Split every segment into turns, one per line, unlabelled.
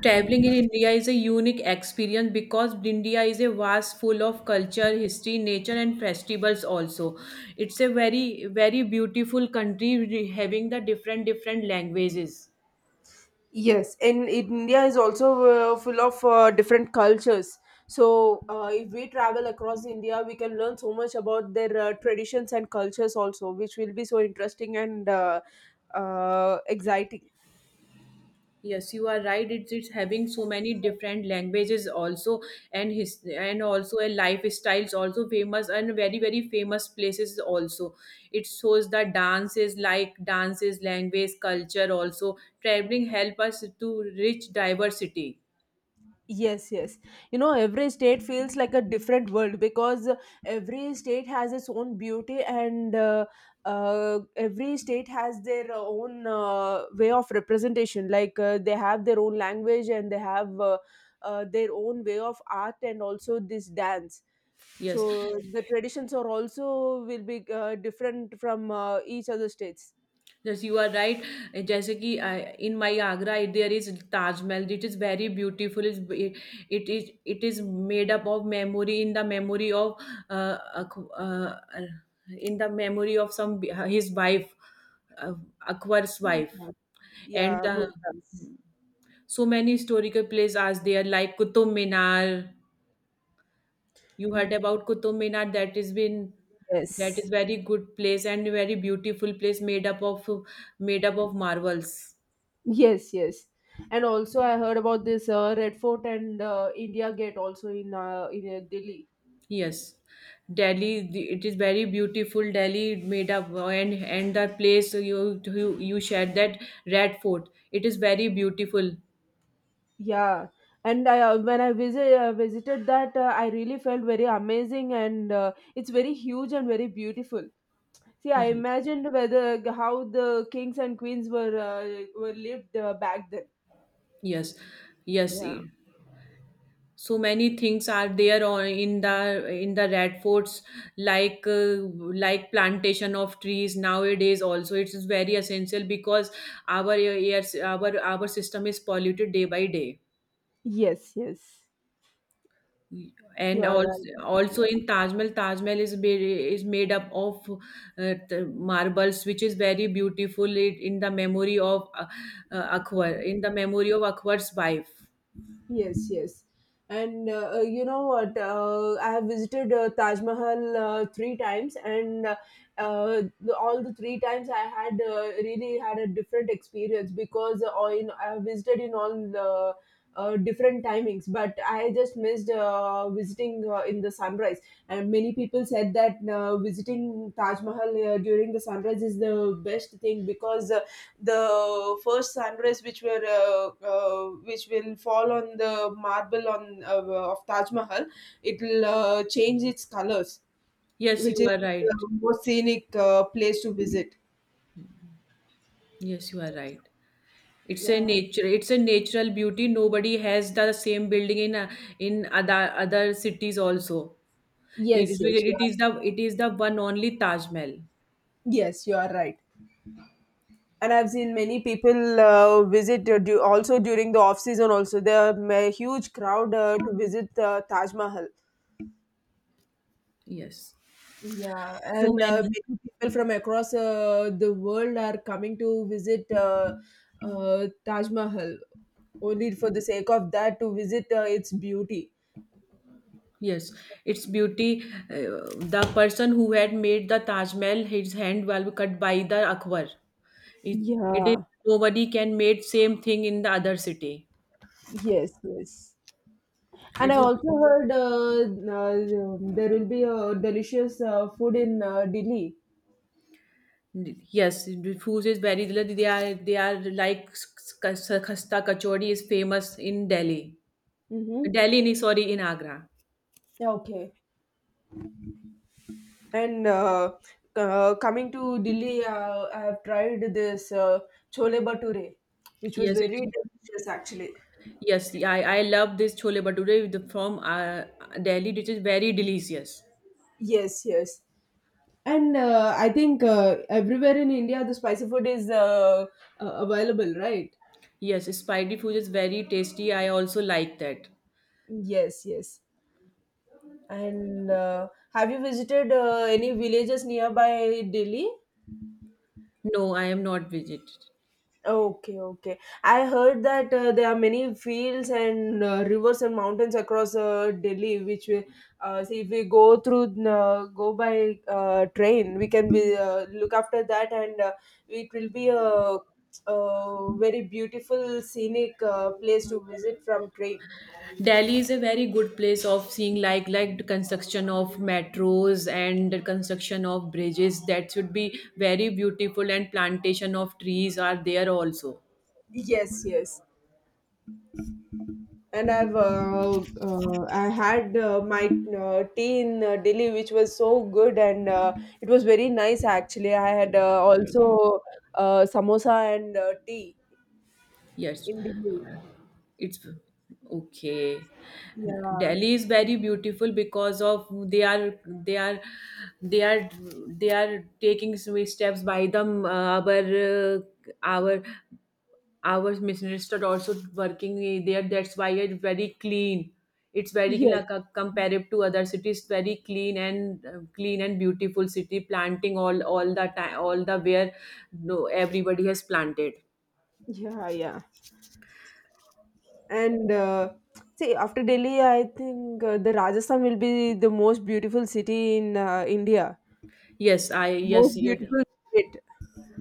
Traveling in India is a unique experience because India is a vast full of culture, history, nature, and festivals. Also, it's a very very beautiful country having the different different languages.
Yes, and India is also full of different cultures. So, if we travel across India, we can learn so much about their traditions and cultures also, which will be so interesting and exciting.
Yes, you are right. It's having so many different languages also, and his and also a lifestyles also famous and very very famous places also. It shows the dances like dances, language, culture also. Traveling help us to reach diversity.
Yes, yes. You know, every state feels like a different world because every state has its own beauty and every state has their own way of representation. Like they have their own language and they have their own way of art and also this dance.
Yes,
So the traditions are also will be different from each other states.
yes, you are right. जैसे कि in my Agra, there is Taj Mahal. It is very beautiful. It, it is made up of memory in the memory of uh, Ak- uh, in the memory of some his wife, uh, Akbar's wife,
Mhm.
and
Yeah,
the
Mumtaz.
so many historical places are there like Qutub Minar. You heard about Qutub Minar that
Yes.
is very good place and very beautiful place made up of marbles.
Yes, yes. And also, I heard about this Red Fort and India Gate also in Delhi.
Yes. Delhi, it is very beautiful. Delhi made up and the place you you shared that Red Fort. It is very beautiful.
Yeah, and I visited that, I really felt very amazing, and it's very huge and very beautiful. See, I
Yes.
imagined whether how the kings and queens were lived back then.
Yes. Yes.
Yeah.
So many things are there on in the red forts like uh, like plantation of trees nowadays also it is very essential because our air our system is polluted day by day,
Yes, yes. You
and
are
also,
right.
also in Taj Mahal is made up of the marbles, which is very beautiful it, in the memory of Akbar, in the memory of Akbar's wife.
Yes, yes. And you know what? I have visited Taj Mahal three times, and all the three times I had really had a different experience because I have visited in all the different timings, but I just missed visiting in the sunrise, and many people said that visiting Taj Mahal during the sunrise is the best thing because the first sunrise which were which will fall on the marble on of Taj Mahal, it will change its colors,
Yes,
which
you
is
are right.
the most scenic place to visit.
Yes, you are right. It's a
Yeah.
nature. It's a natural beauty. Nobody has the same building in other cities also. It
yes
is it is the it is the one only Taj Mahal.
yes you are right, and I've seen many people visit also during the off season. Also, there are a huge crowd to visit Taj Mahal.
Yes.
Yeah,
So
and
many.
many people from across the world are coming to visit Taj Mahal only for the sake of that to visit its beauty.
Yes, its beauty. Uh, the person who had made the Taj Mahal, his hand was cut by the Akbar. It it is
Yeah.
nobody can made same thing in the other city.
Yes. Yes. And I
It is.
also heard there will be a delicious food in Delhi.
Yes, the food is very delicious. They are like s- Khasta kachori is famous in Delhi.
Mm-hmm.
Delhi, nahi, sorry, in Agra.
Yeah, okay. And coming to Delhi, I have tried this chole bhature, which was
Yes,
very
it,
delicious actually.
yes, I love this chole bhature with from Delhi, which is very delicious.
Yes, yes. And I think everywhere in India, the spicy food is available, right?
Yes, spicy food is very tasty. I also like that.
Yes, yes. And have you visited any villages nearby Delhi?
No, I am not vegetarian.
Okay, okay. I heard that there are many fields and rivers and mountains across Delhi, which we see if we go by train, we can be look after that, and it will be a very beautiful scenic place to visit from train.
Delhi is a very good place of seeing like the construction of metros and the construction of bridges that should be very beautiful and plantation of trees are there also.
Yes, yes. And I had my tea in Delhi, which was so good, and it was very nice actually. I had also samosa and tea
Yes,
in Delhi.
it's okay.
Yeah.
Delhi is very beautiful because of they are they are taking some steps by the our our minister also working there, that's why it's very clean, it's very clean,
Yes.
like, compared to other cities very clean and clean and beautiful city, planting all the time all the where, no, everybody has planted.
Yeah. Yeah. And see, after Delhi, I think the Rajasthan will be the most beautiful city in India.
yes i yes
Most
yeah.
beautiful state.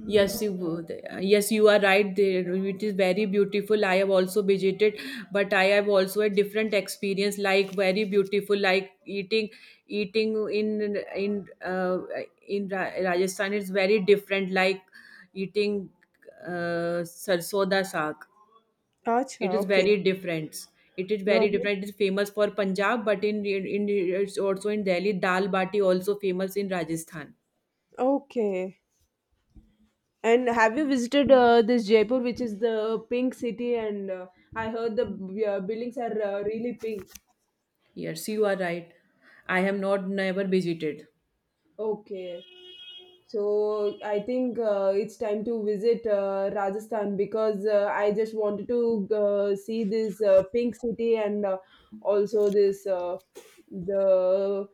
Yes, you would. Yes, you are right there. It is very beautiful. I have also visited, but I have also a different experience. Like very beautiful, like eating in Rajasthan. It's very different. Like eating sarson da saag. It
Acha.
is
Okay.
very different. It is
No.
very different. It is famous for Punjab, but in it's also in Delhi. Dal bati also famous in Rajasthan.
Okay. And have you visited this Jaipur, which is the pink city? And I heard the buildings are really pink.
Yes, you are right. I have not never visited.
Okay, so I think it's time to visit Rajasthan because I just wanted to see this pink city and also this the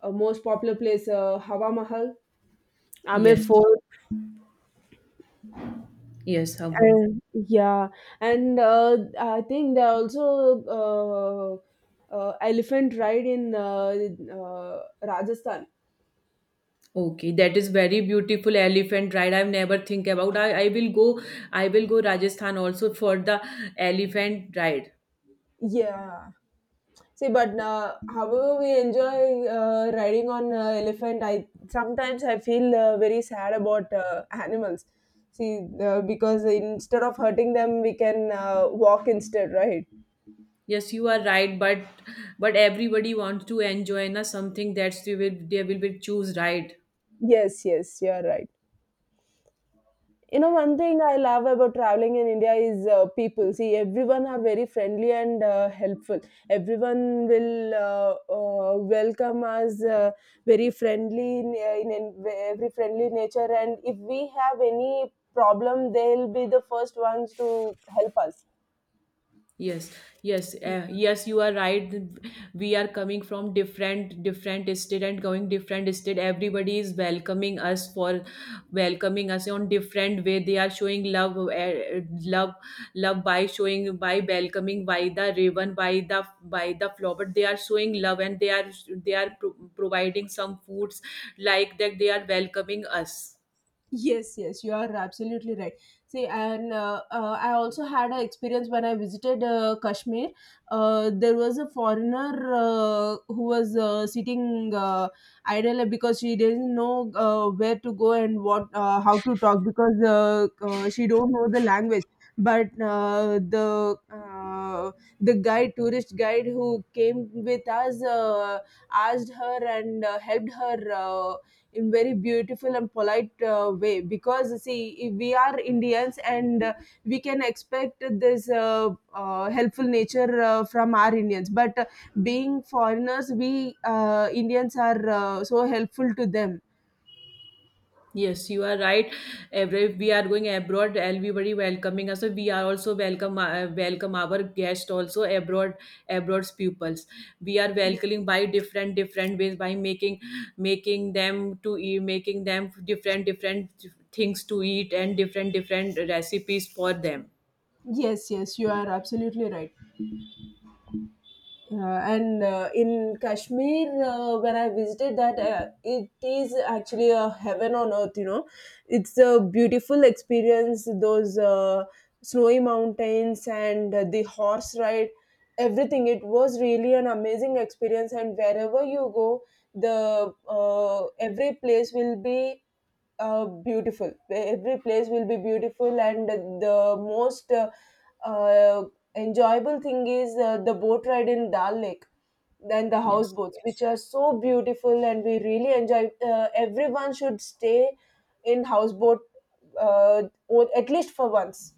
most popular place, Hawa Mahal, Amir
Yes,
Fort.
yes, hum, hum.
And yeah, and I think there are also elephant ride in Rajasthan.
Okay, that is very beautiful elephant ride. I've never think about. I will go. I will go Rajasthan also for the elephant ride.
Yeah. See, but however we enjoy riding on elephant, I sometimes I feel very sad about animals. See, because instead of hurting them, we can walk instead, right?
Yes, you are right, but everybody wants to enjoy na something that's they will be choose ride.
Yes, yes, you are right. You know, one thing I love about traveling in India is people. See, everyone are very friendly and helpful. Everyone will welcome us very friendly in every friendly nature. And if we have any problem, they'll be the first ones to help us.
yes yes, yes, you are right. We are coming from different different state and going different state, everybody is welcoming us on different way. They are showing love love love by showing, by welcoming by the ribbon by the flower, they are showing love, and they are providing some foods, like that they are welcoming us.
Yes, yes, you are absolutely right. See, and I also had an experience when I visited Kashmir. There was a foreigner who was sitting idle because she didn't know where to go and what how to talk because she don't know the language. But the guide, tourist guide who came with us, asked her and helped her in very beautiful and polite way because see if we are indians and we can expect this helpful nature from our indians but being foreigners we indians are so helpful to them.
Yes, you are right. Every we are going abroad, everybody welcoming us. So we are also welcome our guest also abroad, abroad's pupils. We are welcoming by different different ways, by making them to eat, making them different different things to eat and different different recipes for them.
Yes, yes, you are absolutely right. Yeah, and in Kashmir, when I visited that, it is actually a heaven on earth, you know. It's a beautiful experience, those snowy mountains and the horse ride, everything. It was really an amazing experience, and wherever you go, the every place will be beautiful. Every place will be beautiful, and the most uh, enjoyable thing is the boat ride in Dal Lake, then the
Yes.
houseboats, which Yes. are so beautiful, and we really enjoy. Everyone should stay in houseboat, or at least for once.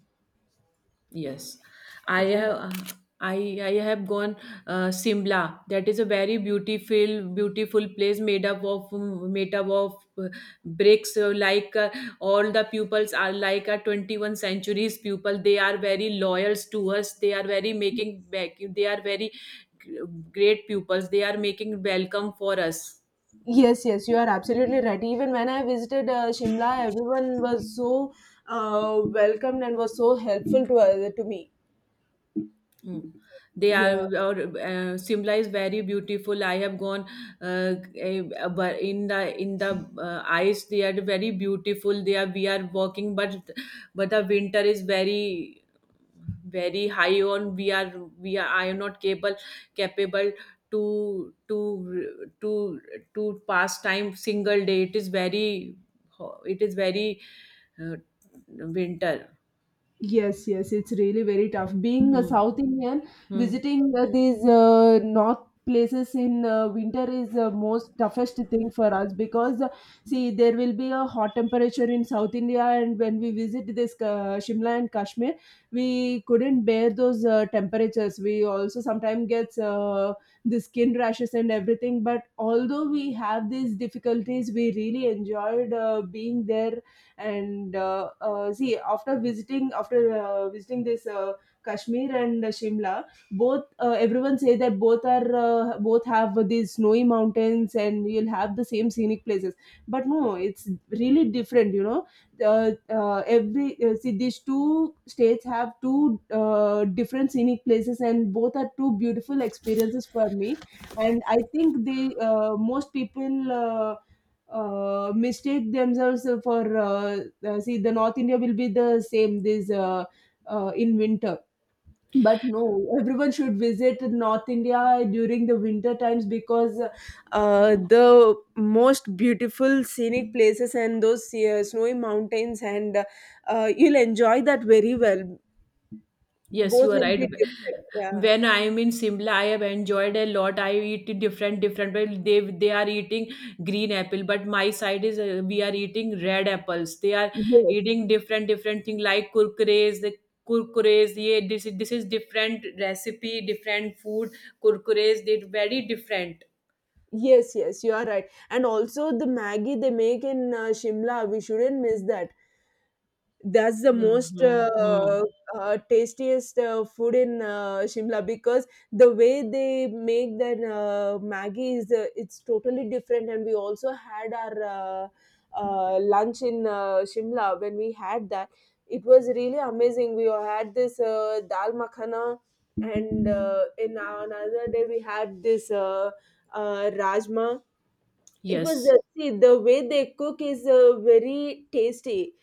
Yes, I
Yeah.
have. I have gone Simla. That is a very beautiful, beautiful place made up of bricks. Like all the pupils are like a 21 centuries pupil. They are very loyals to us. They are very making back. They are very g- great pupils. They are making welcome for us.
Yes, yes, you are absolutely right. Even when I visited Shimla, everyone was so welcomed and was so helpful to me.
Mm. They are,
Yeah.
or Simla is very beautiful. I have gone, uh, eh, but in the ice they are very beautiful. They are We are walking, but the winter is very very high on. We are I am not capable to to to to pass time single day. It is very uh, winter.
Yes, yes, it's really very tough. Being a
Mm.
South Indian,
Mm.
visiting these north places in winter is the most toughest thing for us because see there will be a hot temperature in South India, and when we visit this Shimla and Kashmir, we couldn't bear those temperatures. We also sometimes gets the skin rashes and everything. But although we have these difficulties, we really enjoyed being there, and see after visiting this kashmir and shimla both, everyone say that both are both have these snowy mountains and you'll have the same scenic places, but no, it's really different, you know. Every See, these two states have two different scenic places, and both are two beautiful experiences for me, and I think they most people mistake themselves for see the north india will be the same this in winter, but no, everyone should visit north india during the winter times because the most beautiful scenic places, and those snowy mountains, and you'll enjoy that very well.
Yes,
Both
you are
will be
right.
different. Yeah.
When I am in Simla, I have enjoyed a lot. I eat different, different. Well, they are eating green apple, but my side is we are eating red apples. They are
yes
eating different, different thing like kurkures. The kurkures, yeah, this is different recipe, different food. Kurkures, they very different.
yes yes you are right and also the maggie they make in shimla we shouldn't miss that. That's the
Hmm,
most
hmm, hmm.
tastiest food in Shimla, because the way they make that Maggi is it's totally different. And we also had our lunch in Shimla when we had that. It was really amazing. We had this dal makhana, and another day we had this rajma. It was
Yes.
the see the way they cook is very tasty,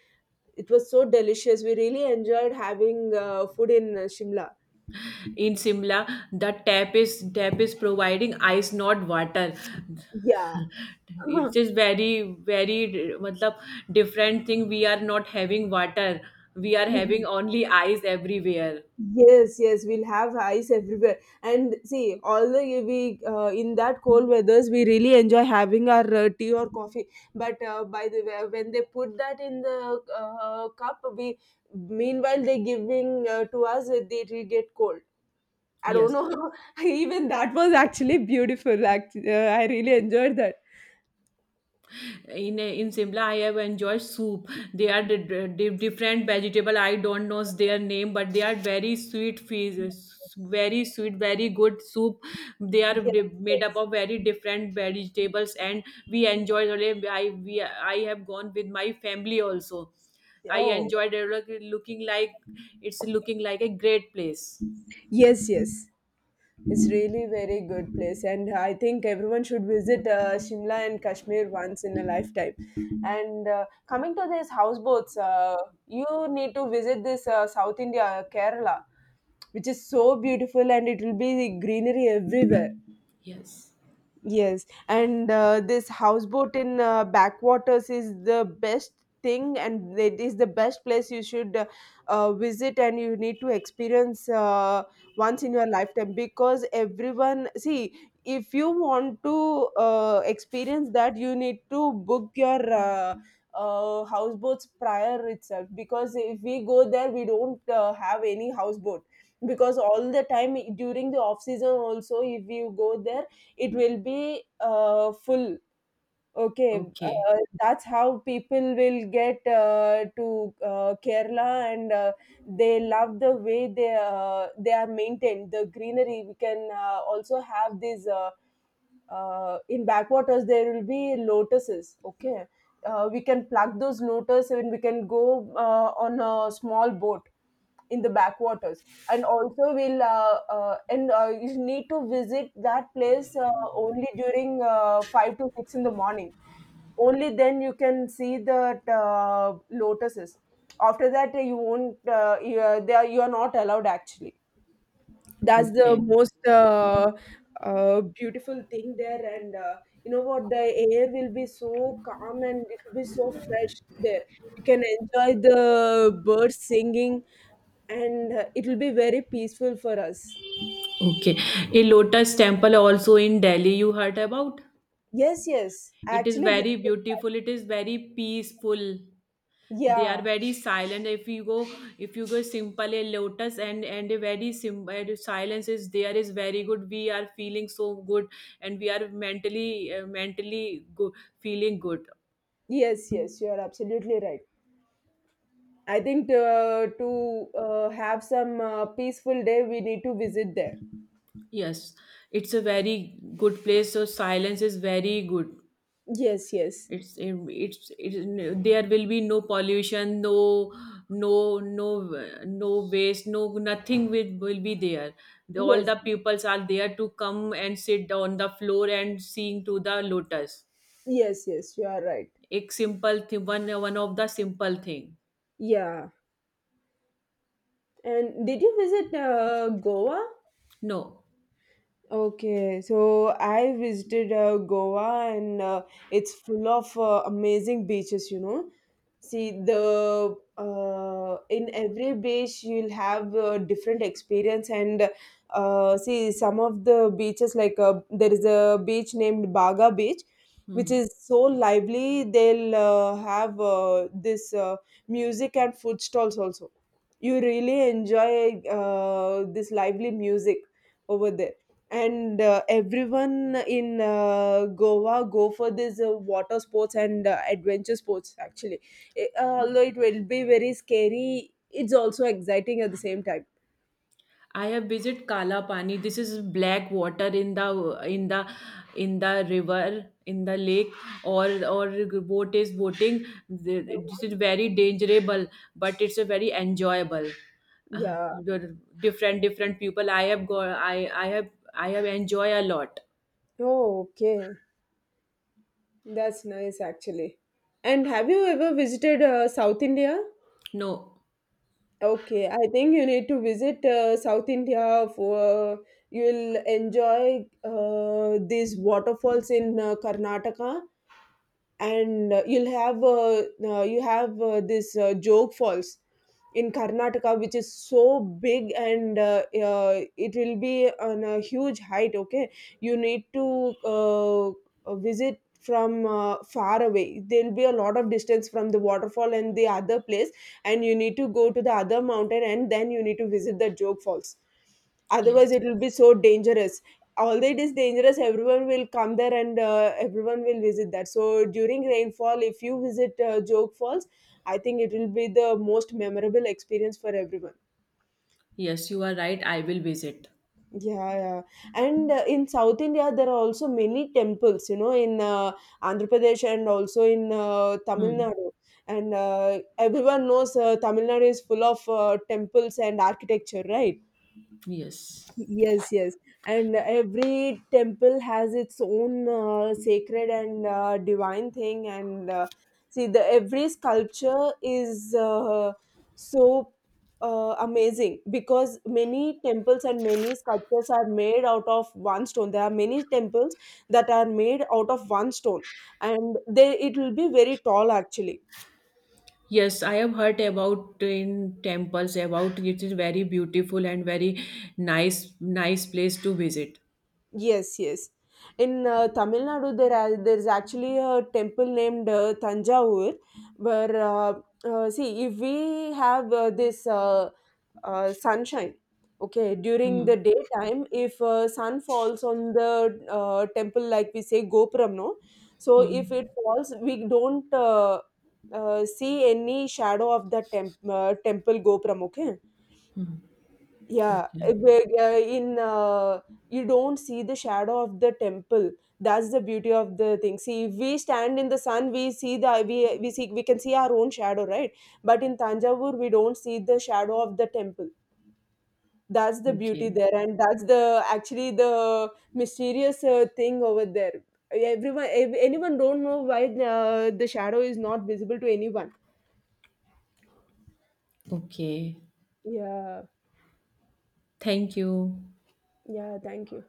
it was so delicious. We really enjoyed having food in Shimla.
In Simla, the tap is providing ice, not water.
Yeah. Uh-huh.
It is very very matlab, different thing. We are not having water. We are
Mhm.
having only ice everywhere.
Yes, yes, we'll have ice everywhere. And see, although we in that cold weathers, we really enjoy having our tea or coffee. But by the way, when they put that in the cup, we meanwhile they giving to us, it will get cold. I don't
Yes.
know. Even that was actually beautiful. Actually, I really enjoyed that.
In Simla, I have enjoyed soup. They are different vegetable. I don't know their name, but they are very sweet fish. Very sweet, very good soup. They are
Yes,
made up
yes.
of very different vegetables, and we enjoyed. I have gone with my family also. I
Oh.
enjoyed it. Look- Looking like it's looking like a great place.
Yes, yes. It's really very good place, and I think everyone should visit Shimla and Kashmir once in a lifetime. And coming to these houseboats, you need to visit this South India, Kerala, which is so beautiful and it will be greenery everywhere.
Yes.
Yes, and this houseboat in backwaters is the best thing, and it is the best place you should visit, and you need to experience once in your lifetime because everyone see if you want to experience that, you need to book your houseboats prior itself, because if we go there, we don't have any houseboat, because all the time during the off season also, if you go there, it will be full. Okay.
Okay.
That's how people will get to Kerala, and they love the way they are maintained the greenery. We can also have these in backwaters there will be lotuses. Okay. We can pluck those lotuses, and we can go on a small boat in the backwaters. And also we'll uh, uh, and uh, you need to visit that place only during 5 to 6 in the morning. Only then you can see the lotuses. After that, you won't you, they are, you are not allowed, actually. That's the
Okay.
most beautiful thing there. And you know what, the air will be so calm and it will be so fresh there. You can enjoy the birds singing, and it will be very peaceful for us.
Okay. A lotus temple also in Delhi. You heard about?
Yes, yes,
It is
actually.
very beautiful. It is very peaceful. They are
Yeah.
very silent. If you go simple a lotus and a very simple silence is very good. We are feeling so good, and we are mentally good, feeling good.
Yes, yes, you are absolutely right. I think, to have some peaceful day, we need to visit there.
Yes, it's a very good place. So silence is very good.
Yes, yes.
There will be no pollution, no, no, no, no waste, no nothing will be there. All
Yes,
the pupils are there to come and sit on the floor and sing to the lotus.
yes. Yes, you are right.
एक simple thing, one of the simple thing.
Yeah. And did you visit Goa?
No.
Okay, so I visited Goa, and it's full of amazing beaches. See, the in every beach you'll have a different experience, and see some of the beaches, like there is a beach named Baga Beach, which
Hmm.
is so lively. They'll have this music and food stalls also. You really enjoy this lively music over there. And everyone in Goa go for this water sports and adventure sports, actually. Although it will be very scary, it's also exciting at the same time.
I have visited Kalapani. This is black water in the river in the lake, or boat is boating. This is very dangerable, but it's a very enjoyable. Uh,
Yeah.
the different different people. I have go. I have enjoy a lot.
Oh, okay. That's nice, actually. And have you ever visited South India?
No.
Okay, I think you need to visit South India, for you'll enjoy these waterfalls in Karnataka. And you have this Joke Falls in Karnataka, which is so big, and it will be on a huge height. Okay, you need to visit from far away. There will be a lot of distance from the waterfall and the other place, and you need to go to the other mountain, and then you need to visit the Joke Falls, otherwise
Yes.
it will be so dangerous. Although it is dangerous, everyone will come there, and everyone will visit that. So during rainfall, if you visit Joke Falls, I think it will be the most memorable experience for everyone.
Yes, you are right. I will visit.
Yeah, yeah. And in South India, there are also many temples, you know, in Andhra Pradesh, and also in Tamil
Hmm.
Nadu. And everyone knows Tamil Nadu is full of temples and architecture, right?
Yes.
Yes, yes. And every temple has its own sacred and divine thing. And see, the every sculpture is so amazing, because many temples and many sculptures are made out of one stone. There are many temples that are made out of one stone, and they it will be very tall, actually.
Yes, I have heard about in temples about it is very beautiful and very nice place to visit.
Yes, yes. In Tamil Nadu, there's actually a temple named Tanjavur, where see if we have this sunshine, okay, during
Hmm.
the daytime, if sun falls on the temple, like we say Gopuram, no. So if it
Hmm.
falls, we don't see any shadow of the temple Gopuram, okay. Yeah,
Okay.
where in you don't see the shadow of the temple. That's the beauty of the thing. See, if we stand in the sun, we see the we see we can see our own shadow, right? But in Tanjavur, we don't see the shadow of the temple. That's the beauty
Okay.
there, and that's the actually the mysterious thing over there. Anyone don't know why the shadow is not visible to anyone.
Okay.
Yeah,
Thank you.
yeah. Thank you.